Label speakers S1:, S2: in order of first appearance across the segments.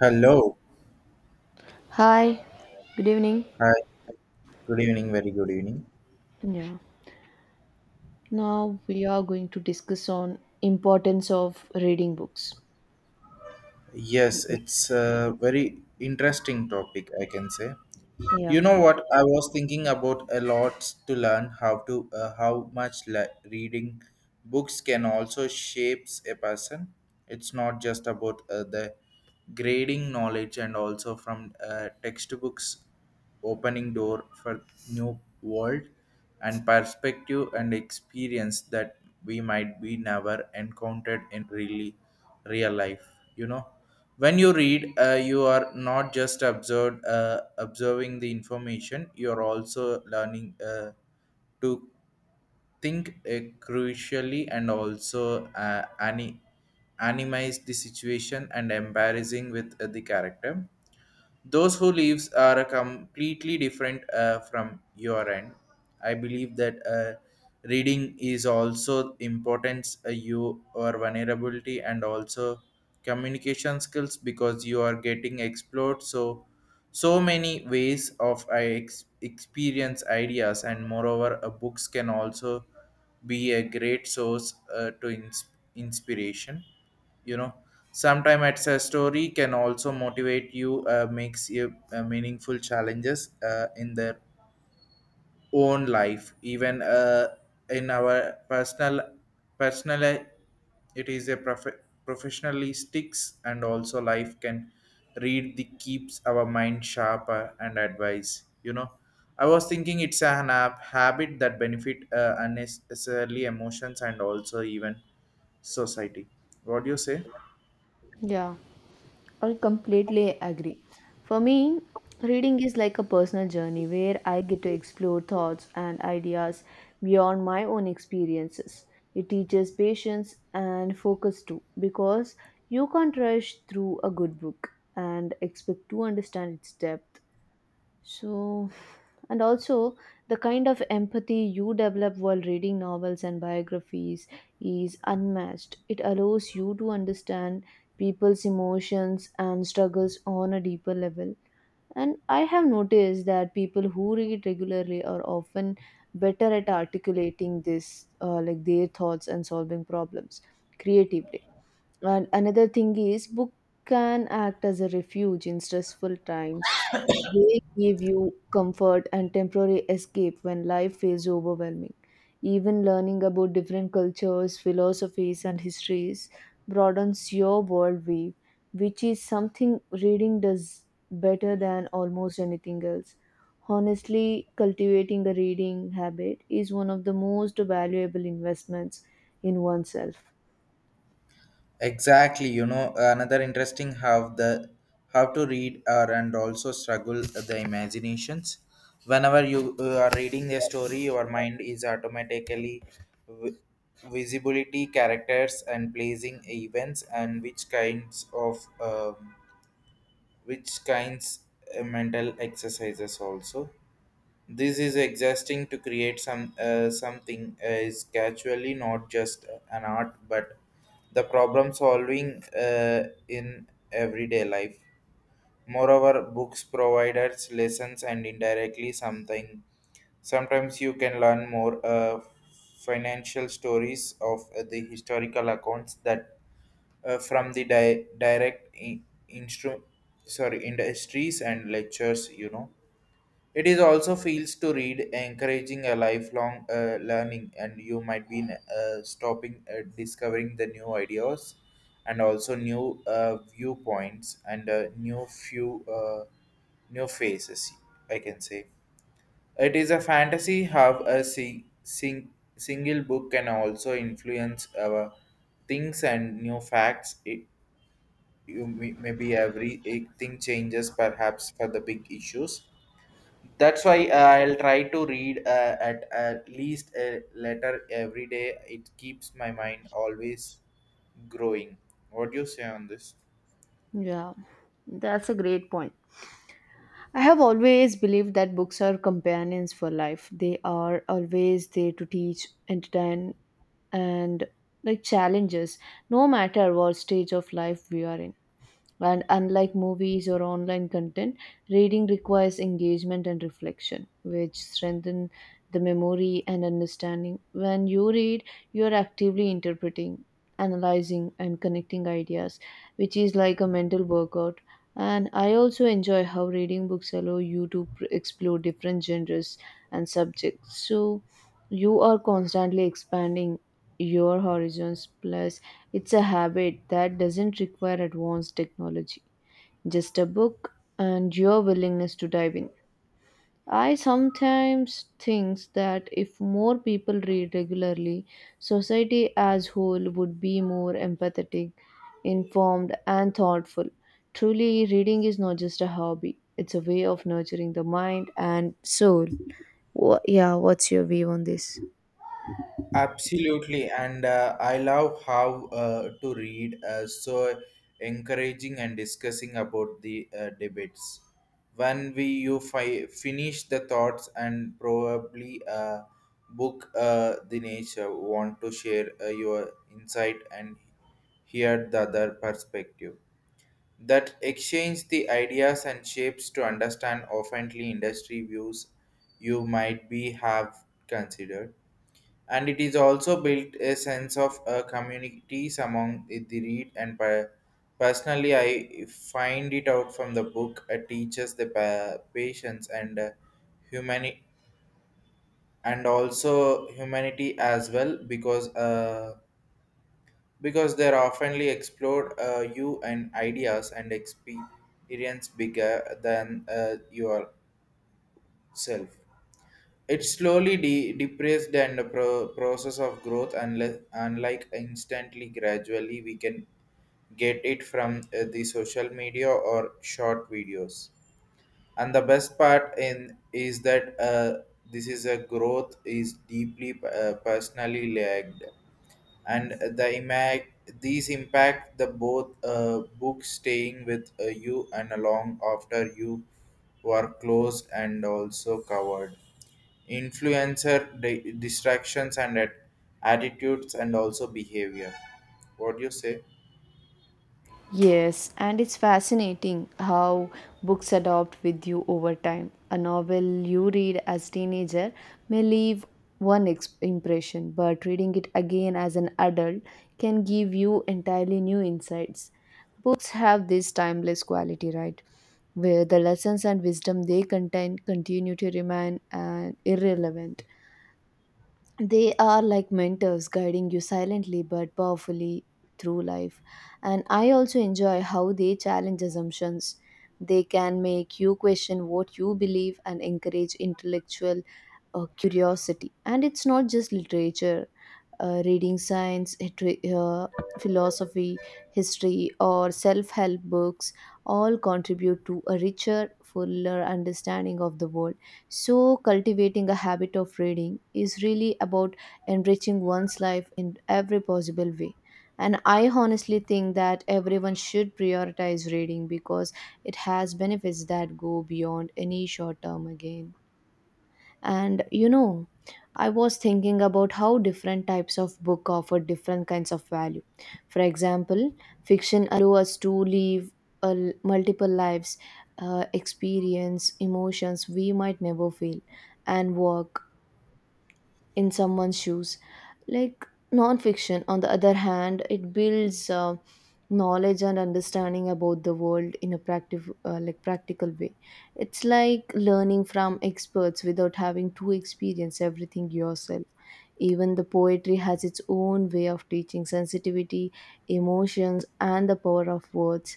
S1: Hello.
S2: Hi, good evening.
S1: Hi. Good evening. Very good evening.
S2: Yeah. Now we are going to discuss on importance of reading books.
S1: Yes,
S2: Yeah.
S1: it's a very interesting topic, I can say.
S2: Yeah.
S1: You know what? I was thinking about a lot to learn how to reading books can also shapes a person. It's not just about the grading knowledge and also from textbooks opening door for new world and perspective and experience that we might be never encountered in real life. You know when you read you are not just observed observing the information. You are also learning to think crucially, and also animize the situation and embarrassing with the character those who lives are a completely different from your end. I believe that reading is also importance you or vulnerability, and also communication skills, because you are getting explored so many ways of experience ideas. And moreover, books can also be a great source to inspiration. you know Sometimes it's a story can also motivate you, makes you meaningful challenges in their own life, even in our personal. It is a professionally sticks, and also life can read the keeps our mind sharper and advice. You know, I was thinking it's an app habit that benefit unnecessarily emotions and also even society. What do you say?
S2: Yeah, I completely agree. For me, reading is like a personal journey where I get to explore thoughts and ideas beyond my own experiences. It teaches patience and focus too, because you can't rush through a good book and expect to understand its depth. So, and also the kind of empathy you develop while reading novels and biographies is unmatched. It allows you to understand people's emotions and struggles on a deeper level. And I have noticed that people who read regularly are often better at articulating this, like their thoughts and solving problems creatively, and another thing is, book can act as a refuge in stressful times. They give you comfort and temporary escape when life feels overwhelming. Even learning about different cultures, philosophies, and histories broadens your worldview, which is something reading does better than almost anything else. Honestly, cultivating a reading habit is one of the most valuable investments in oneself.
S1: Exactly. You know, another interesting how the how to read are, and also struggle the imaginations. Whenever you are reading a story, your mind is automatically vi- visibility characters and placing events, and which kinds of which kinds mental exercises also. This is existing to create something is actually not just an art, but the problem solving in everyday life. Moreover, books providers lessons and indirectly something. Sometimes you can learn more financial stories of the historical accounts that from the direct instru- sorry, industries and lectures. You know, it is also feels to read, encouraging a lifelong learning, and you might be stopping discovering the new ideas, and also new viewpoints, and new faces. I can say it is a fantasy. Have a single book can also influence our things and new facts. It, maybe every thing changes, perhaps for the big issues. That's why I'll try to read at least a letter every day. It keeps my mind always growing. What do you say on this?
S2: Yeah, that's a great point. I have always believed that books are companions for life. They are always there to teach, entertain, and like challenges, no matter what stage of life we are in. And unlike movies or online content, reading requires engagement and reflection, which strengthen the memory and understanding. When you read, you are actively interpreting, analyzing, and connecting ideas, which is like a mental workout. And I also enjoy how reading books allow you to explore different genres and subjects. So you are constantly expanding your horizons. Plus, it's a habit that doesn't require advanced technology, just a book and your willingness to dive in. I sometimes think that if more people read regularly, society as whole would be more empathetic, informed, and thoughtful. Truly, reading is not just a hobby, it's a way of nurturing the mind and soul. Wha Yeah, what's your view on this?
S1: Absolutely, and I love how to read so encouraging and discussing about the debates. When we you finish the thoughts, and probably book the nature, want to share your insight and hear the other perspective. That exchange the ideas and shapes to understand oftenly industry views you might be have considered. And it is also built a sense of communities among the read, and personally I find it out from the book. It teaches the patience, and humani- and also humanity as well, because because they're oftenly explored you and ideas and experience bigger than yourself. It slowly depressed and the process of growth unless unlike, instantly gradually, we can get it from the social media or short videos. And the best part in is that this is a growth is deeply personally lagged, and the impact, these impact the both books staying with you and along after you were closed and also covered influencer distractions and attitudes, and also behavior. What do you say?
S2: Yes, and it's fascinating how books adopt with you over time. A novel you read as teenager may leave impression, but reading it again as an adult can give you entirely new insights. Books have this timeless quality, right? Where the lessons and wisdom they contain continue to remain irrelevant. They are like mentors guiding you silently but powerfully through life, and I also enjoy how they challenge assumptions. They can make you question what you believe and encourage intellectual curiosity. And it's not just literature, reading science, philosophy, history, or self help books all contribute to a richer, fuller understanding of the world. So, cultivating a habit of reading is really about enriching one's life in every possible way. And I honestly think that everyone should prioritize reading because it has benefits that go beyond any short term again. And you know, I was thinking about how different types of book offer different kinds of value. For example, fiction allow us to live multiple lives, experience emotions we might never feel, and work in someone's shoes. Like nonfiction, on the other hand, it builds knowledge and understanding about the world in a practical, like practical way. It's like learning from experts without having to experience everything yourself. Even the poetry has its own way of teaching sensitivity, emotions, and the power of words,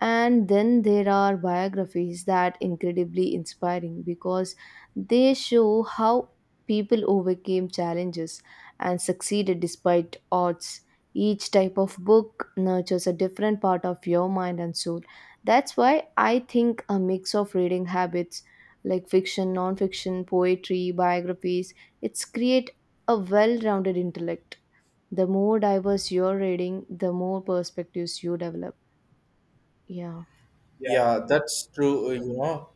S2: and then there are biographies that incredibly inspiring because they show how people overcame challenges and succeeded despite odds. Each type of book nurtures a different part of your mind and soul. That's why I think a mix of reading habits, like fiction, non-fiction, poetry, biographies, it's create a well-rounded intellect. The more diverse your reading, the more perspectives you develop. Yeah.
S1: Yeah, that's true. You know,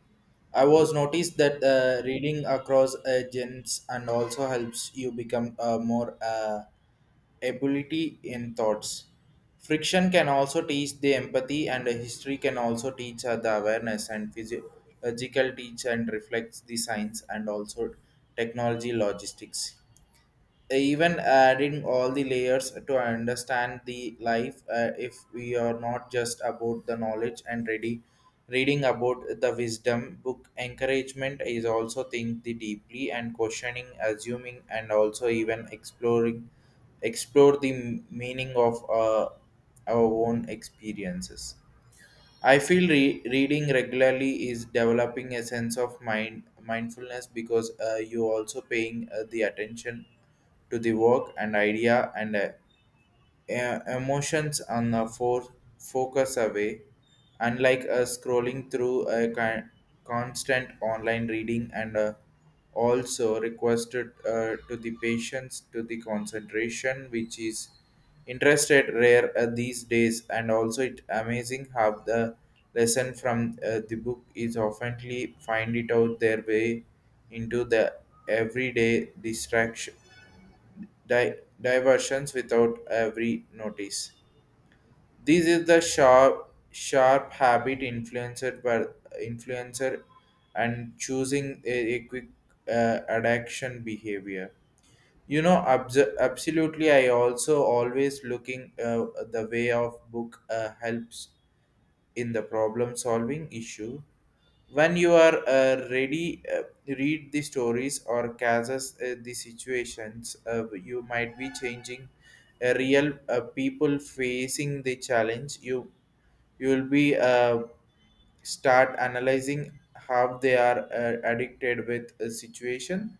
S1: I was noticed that reading across agents, and also helps you become more ability in thoughts. Friction can also teach the empathy, and history can also teach the awareness, and physiological teach and reflects the science, and also technology logistics, even adding all the layers to understand the life. If we are not just about the knowledge and ready reading about the wisdom, book encouragement is also think the deeply and questioning assuming, and also even exploring explore the meaning of our own experiences. I feel reading regularly is developing a sense of mindfulness, because you also paying the attention to the work and idea, and emotions and the focus away, unlike scrolling through a constant online reading, and also requested to the patients to the concentration, which is interested rare these days. And also it amazing how the lesson from the book is oftenly find it out their way into the everyday distraction diversions without every notice. This is the sharp habit influenced by influencer, and choosing a quick addiction behavior. You know, absolutely. I also always looking the way of book helps in the problem solving issue. When you are read the stories or cases the situations, you might be changing a real people facing the challenge, you will be start analyzing how they are addicted with a situation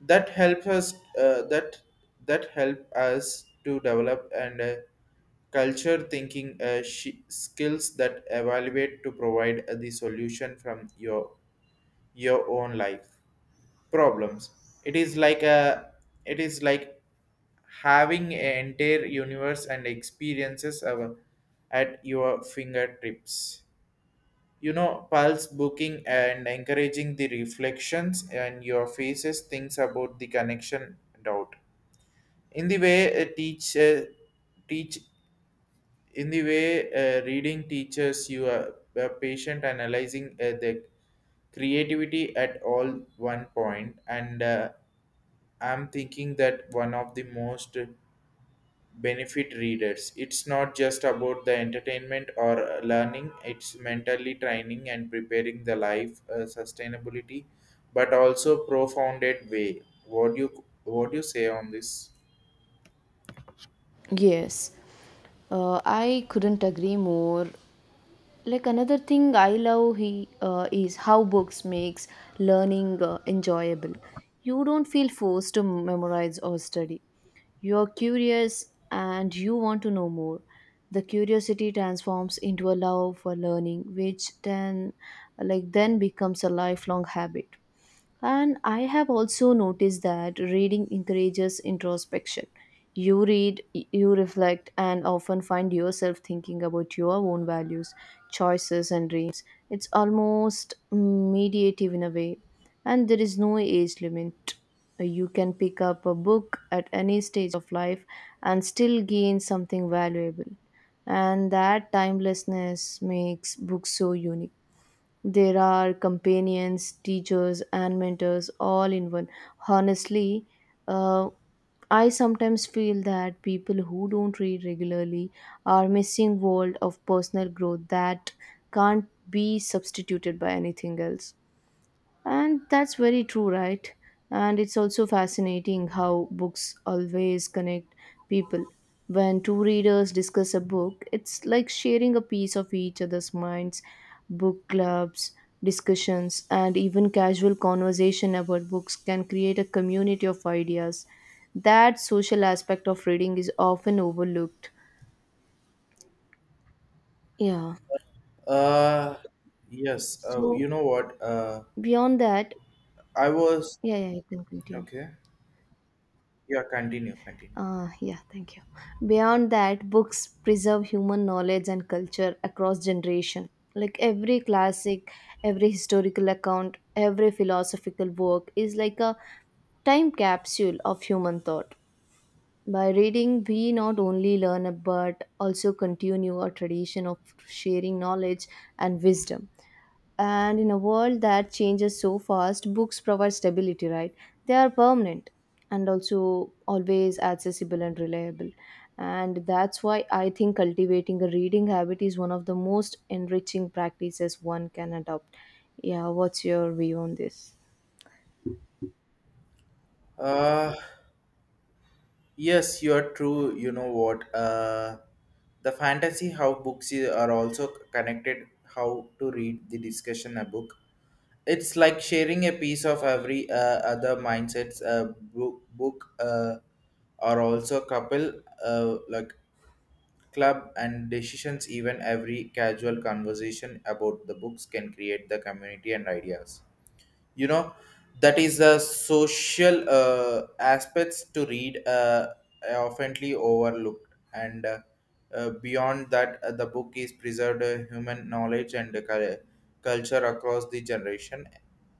S1: that help us to develop, and culture thinking skills that evaluate to provide the solution from your own life problems. It is like a it is like having an entire universe and experiences of, at your fingertips. You know, pulse booking and encouraging the reflections and your faces thinks about the connection doubt in the way a teach teach in the way reading teaches you a patient analyzing the creativity at all one point. And I'm thinking that one of the most benefit readers. It's not just about the entertainment or learning, it's mentally training and preparing the life sustainability, but also profounded way. What do you say on this?
S2: Yes, I couldn't agree more. Like another thing I love is how books makes learning enjoyable. You don't feel forced to memorize or study. You are curious and you want to know more. The curiosity transforms into a love for learning, which then, becomes a lifelong habit. And I have also noticed that reading encourages introspection. You read, you reflect, and often find yourself thinking about your own values, choices, and dreams. It's almost mediative in a way, and there is no age limit. You can pick up a book at any stage of life and still gain something valuable. And that timelessness makes books so unique. There are companions, teachers, and mentors all in one. Honestly, uh, I sometimes feel that people who don't read regularly are missing world of personal growth that can't be substituted by anything else. And that's very true, right? And it's also fascinating how books always connect people. When two readers discuss a book, it's like sharing a piece of each other's minds. Book clubs, discussions, and even casual conversation about books can create a community of ideas. That social aspect of reading is often overlooked. Yeah.
S1: Uh yes,
S2: So,
S1: you know what?
S2: beyond that,
S1: I was
S2: yeah, you can continue.
S1: okay. Yeah, continue, continue.
S2: Yeah, thank you. Beyond that, books preserve human knowledge and culture across generation. Like every classic, every historical account, every philosophical work is like a time capsule of human thought. By reading, we not only learn but also continue a tradition of sharing knowledge and wisdom. And in a world that changes so fast, books provide stability, right? They are permanent and also always accessible and reliable. And that's why I think cultivating a reading habit is one of the most enriching practices one can adopt. Yeah, what's your view on this?
S1: Uh yes, you are true. You know what? The fantasy how books are also connected. How to read the discussion a book, it's like sharing a piece of every other mindsets. Book are also couple, like club and decisions, even every casual conversation about the books can create the community and ideas. You know, that is the social aspects to read are oftenly overlooked. And beyond that, the book is preserved human knowledge and culture across the generation.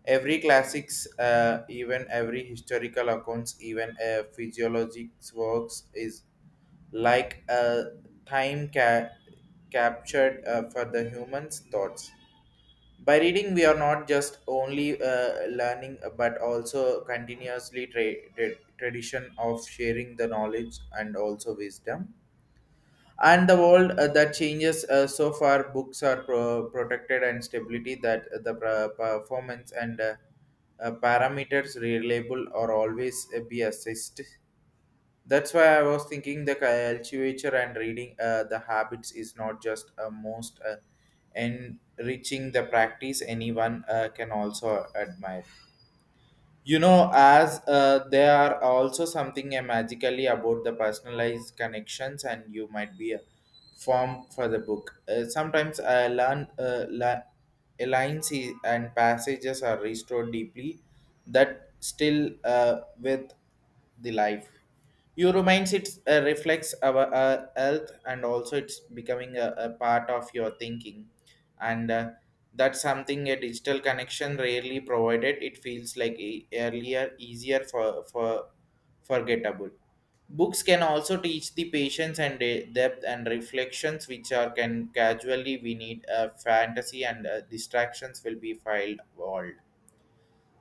S1: Every classics even every historical accounts, even physiologics works is like a time ca- captured for the humans thoughts. By reading we are not just only learning, but also continuously tradition of sharing the knowledge, and also wisdom. And the world that changes so far, books are protected and stability that the performance and parameters reliable or always be assessed. That's why I was thinking the culture and reading the habits is not just a most enriching the practice anyone can also admire. You know, as there are also something magically about the personalized connections, and you might be a form for the book. Sometimes I learn lines and passages are restored deeply that still with the life, you reminds it reflects our health, and also it's becoming a part of your thinking. And that's something a digital connection rarely provided. It feels like earlier, easier for forgettable. Books can also teach the patience and depth and reflections, which are can casually we need. Fantasy and distractions will be filed world.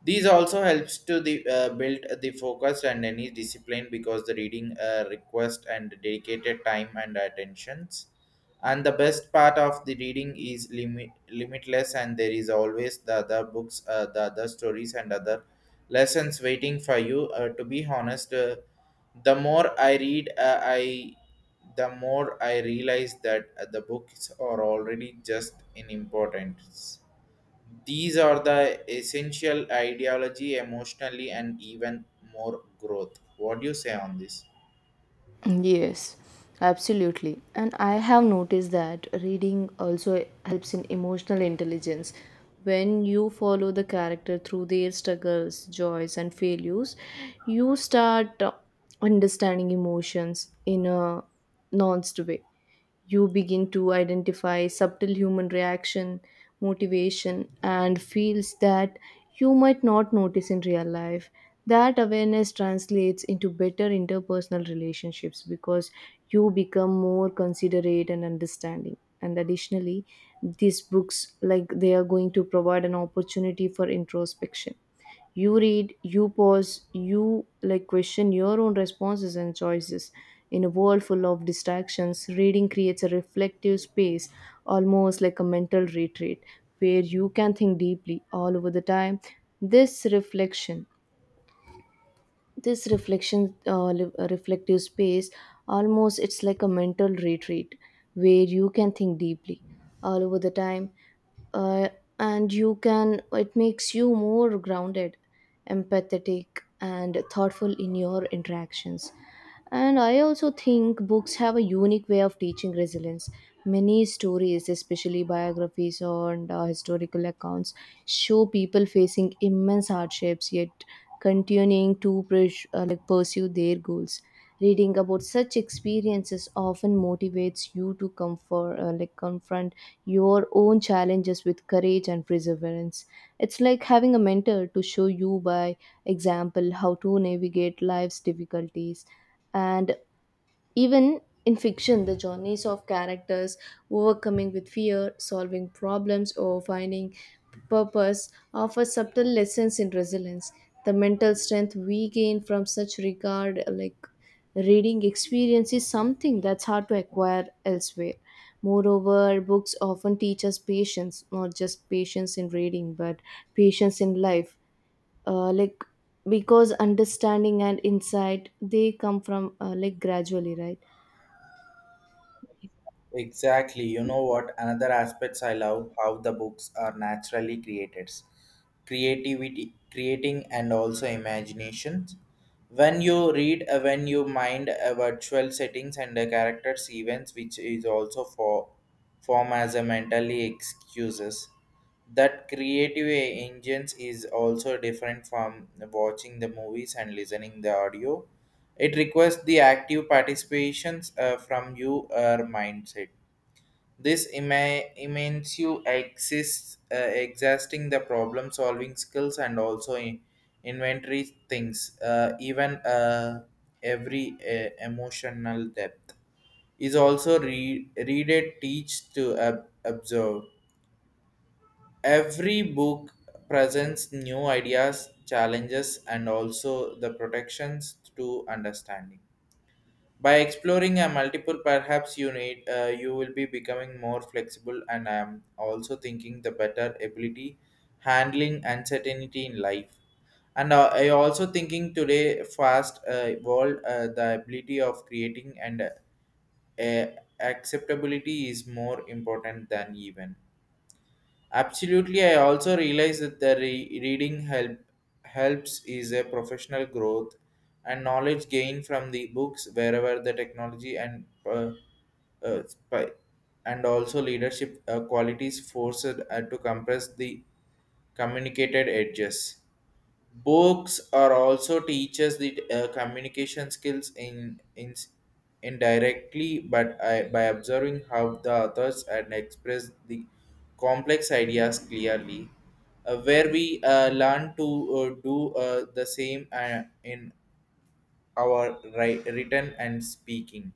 S1: These also helps to the build the focus and any discipline, because the reading request and dedicated time and attentions. And the best part of the reading is limitless, and there is always the other books, the other stories, and other lessons waiting for you. To be honest, the more I read, I the more I realize that the books are already just in importance. These are the essential ideology, emotionally, and even more growth. What do you say on this?
S2: Yes, absolutely. And I have noticed that reading also helps in emotional intelligence. When you follow the character through their struggles, joys, and failures, you start understanding emotions in a nuanced way. You begin to identify subtle human reaction, motivation, and feels that you might not notice in real life. That awareness translates into better interpersonal relationships because you become more considerate and understanding. And additionally, these books, like they are going to provide an opportunity for introspection. You read, you pause, you like question your own responses and choices. In a world full of distractions, reading creates a reflective space, almost like a mental retreat, where you can think deeply all over the time. This reflection this reflection reflective space, almost it's like a mental retreat, where you can think deeply all over the time. uh, and you can, it makes you more grounded, empathetic, and thoughtful in your interactions. And I also think books have a unique way of teaching resilience. Many stories, especially biographies or historical accounts, show people facing immense hardships, yet continuing to pursue their goals. Reading about such experiences often motivates you to comfort, like confront your own challenges with courage and perseverance. It's like having a mentor to show you by example how to navigate life's difficulties. And even in fiction, the journeys of characters overcoming with fear, solving problems, or finding purpose offer subtle lessons in resilience. The mental strength we gain from such regard, like reading experience is something that's hard to acquire elsewhere. Moreover, books often teach us patience, not just patience in reading, but patience in life. Uh, like because understanding and insight, they come from gradually, right?
S1: Exactly. You know what? Another aspects I love how the books are naturally created. Creativity, creating, and also imaginations. When you read, when you mind a virtual settings and the characters' events, which is also form as a mentally excuses. That creative engines is also different from watching the movies and listening the audio. It requires the active participations from you, your mindset immense you exists, exhausting the problem solving skills and also inventory things, even every emotional depth is also read it, teach to observe. Every book presents new ideas, challenges, and also the protections to understanding. By exploring a multiple, perhaps you need you will be becoming more flexible, and I am also thinking the better ability handling uncertainty in life. And I also thinking today fast world the ability of creating and uh, acceptability is more important than even. Absolutely, I also realize that the reading helps is a professional growth and knowledge gained from the books wherever the technology and spy- and also leadership qualities forced to compress the communicated edges. Books are also teaches the communication skills in indirectly, but I, by observing how the authors and express the complex ideas clearly, where we learn to do the same in our written and speaking.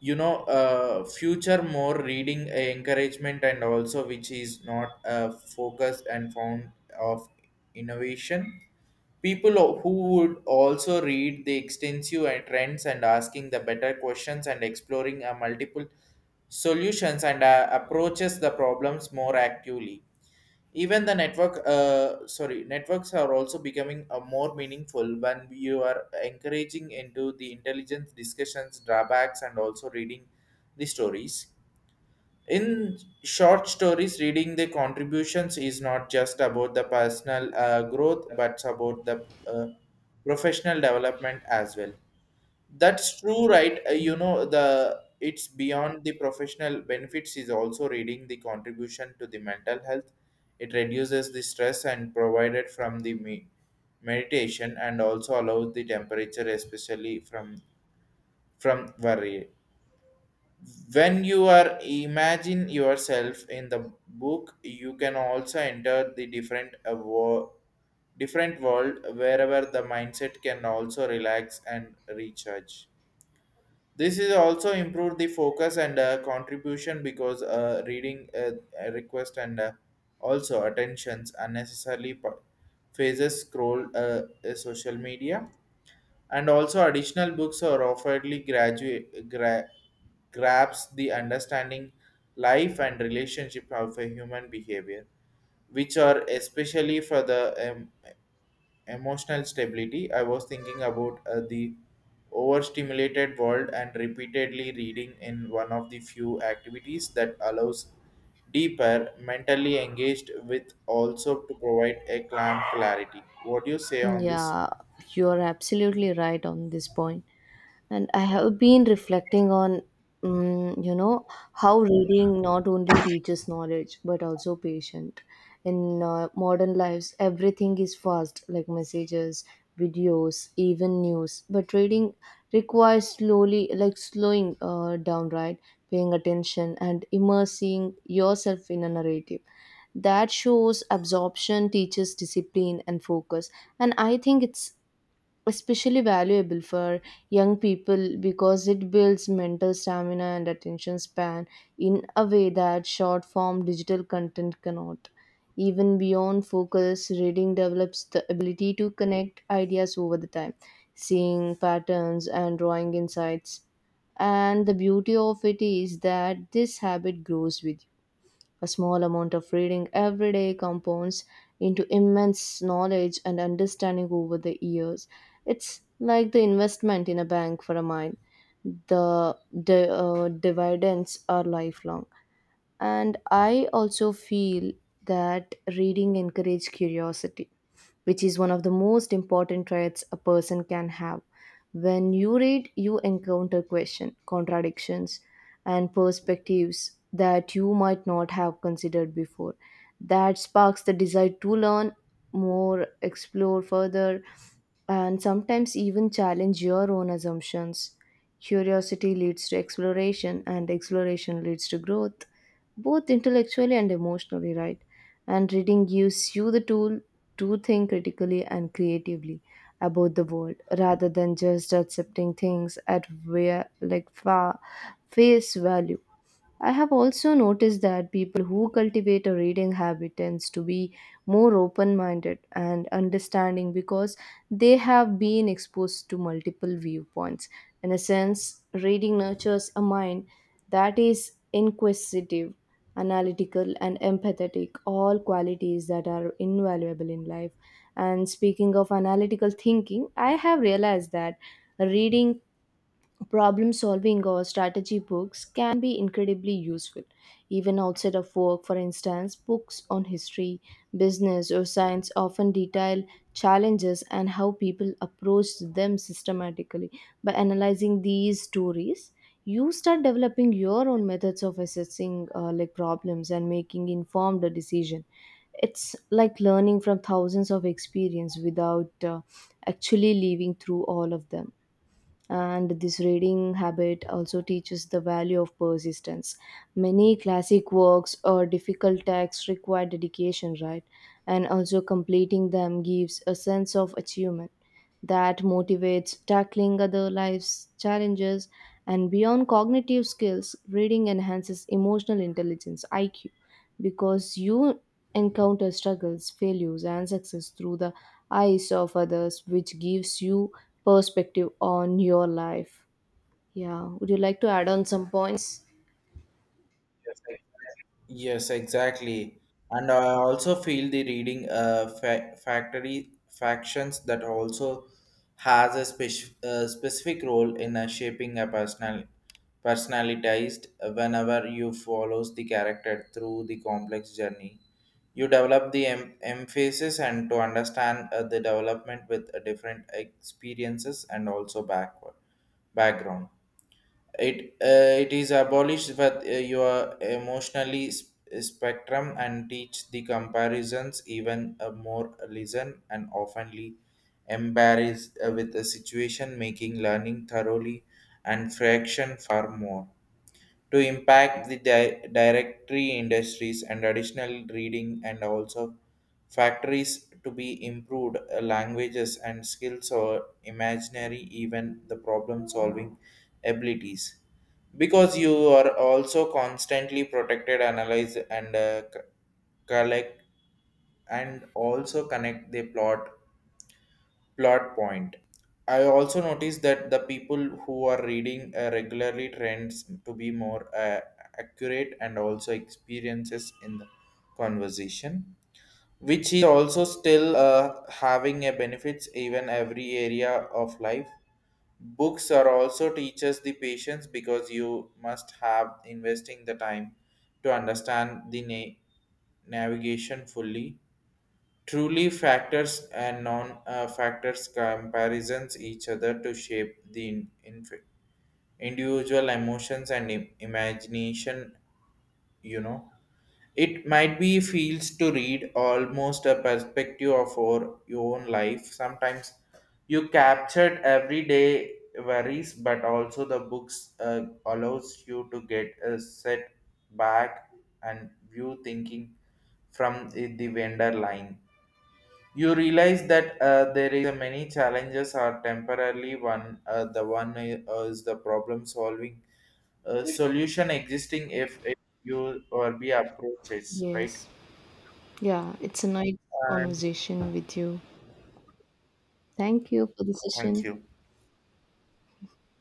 S1: Future more reading encouragement and also which is not focused and found of innovation. People who would also read the extensive and trends and asking the better questions and exploring a multiple solutions and approaches the problems more actively. Even the networks are also becoming a more meaningful when you are encouraging into the intelligence discussions, drawbacks, and also reading the stories. In short stories, reading the contributions is not just about the personal growth, but about the professional development as well. That's true, right? The it's beyond the professional benefits is also reading the contribution to the mental health. It reduces the stress and provided from the meditation and also allows the temperature, especially from worry when you are imagine yourself in the book. You can also enter the different different world wherever the mindset can also relax and recharge. This is also improve the focus and contribution because reading request and also attentions unnecessarily phases scroll social media and also additional books are offeredly grabs the understanding life and relationship of a human behavior which are especially for the um, emotional stability. I was thinking about the overstimulated world and repeatedly reading in one of the few activities that allows deeper mentally engaged with also to provide a calm clarity. What do you say on this?
S2: Yeah, you're absolutely right on this point. And I have been reflecting on, you know, how reading not only teaches knowledge but also patience. In modern lives, everything is fast, like messages, videos, even news. But reading requires slowly, like slowing down, right? Paying attention and immersing yourself in a narrative. That shows absorption teaches discipline and focus, and I think it's especially valuable for young people because it builds mental stamina and attention span in a way that short form digital content cannot. Even beyond focus, reading develops the ability to connect ideas over the time, seeing patterns and drawing insights. And the beauty of it is that this habit grows with a small amount of reading every day, compounds into immense knowledge and understanding over the years. It's like the investment in a bank for a mind. The dividends are lifelong. And I also feel that reading encourages curiosity, which is one of the most important traits a person can have. When you read, you encounter questions, contradictions, and perspectives that you might not have considered before. That sparks the desire to learn more, explore further, and sometimes even challenge your own assumptions. Curiosity leads to exploration, and exploration leads to growth, both intellectually and emotionally, right? And reading gives you the tool to think critically and creatively about the world rather than just accepting things at face value. I have also noticed that people who cultivate a reading habit tends to be more open-minded and understanding because they have been exposed to multiple viewpoints. In a sense, reading nurtures a mind that is inquisitive, analytical, and empathetic, all qualities that are invaluable in life. And speaking of analytical thinking, I have realized that reading problem solving or strategy books can be incredibly useful. Even outside of work, for instance, books on history, business, or science often detail challenges and how people approach them systematically. By analyzing these stories, you start developing your own methods of assessing problems and making informed decision. It's like learning from thousands of experience without actually living through all of them. And this reading habit also teaches the value of persistence. Many classic works or difficult texts require dedication, right? And also completing them gives a sense of achievement that motivates tackling other life's challenges. And beyond cognitive skills, reading enhances emotional intelligence IQ because you encounter struggles, failures, and success through the eyes of others, which gives you perspective on your life. Yeah. Would you like to add on some points?
S1: Yes, exactly. And I also feel the reading factory factions that also has a specific role in shaping a personalized whenever you follows the character through the complex journey. You develop the emphasis and to understand the development with different experiences and also backward background. It it is abolished with your emotionally spectrum and teach the comparisons even a more listen and oftenly embarrassed with the situation, making learning thoroughly and fraction far more to impact the directory industries and additional reading and also factories to be improved languages and skills or imaginary even the problem solving abilities because you are also constantly protected analyze and collect and also connect the plot point. I also noticed that the people who are reading regularly trends to be more accurate and also experiences in the conversation, which is also still having a benefits even every area of life. Books are also teaches the patience because you must have investing the time to understand the navigation fully. Truly, factors and non factors comparisons each other to shape the individual emotions and imagination. You know, it might be feels to read almost a perspective of our, your own life. Sometimes you captured everyday worries, but also the books allows you to get a set back and view thinking from the vendor line. You realize that there is a many challenges are temporarily one. Is the problem solving solution existing if you or be approaches right.
S2: Yes. Yeah. It's a nice
S1: And
S2: conversation with you. Thank you for the
S1: thank
S2: session.
S1: you.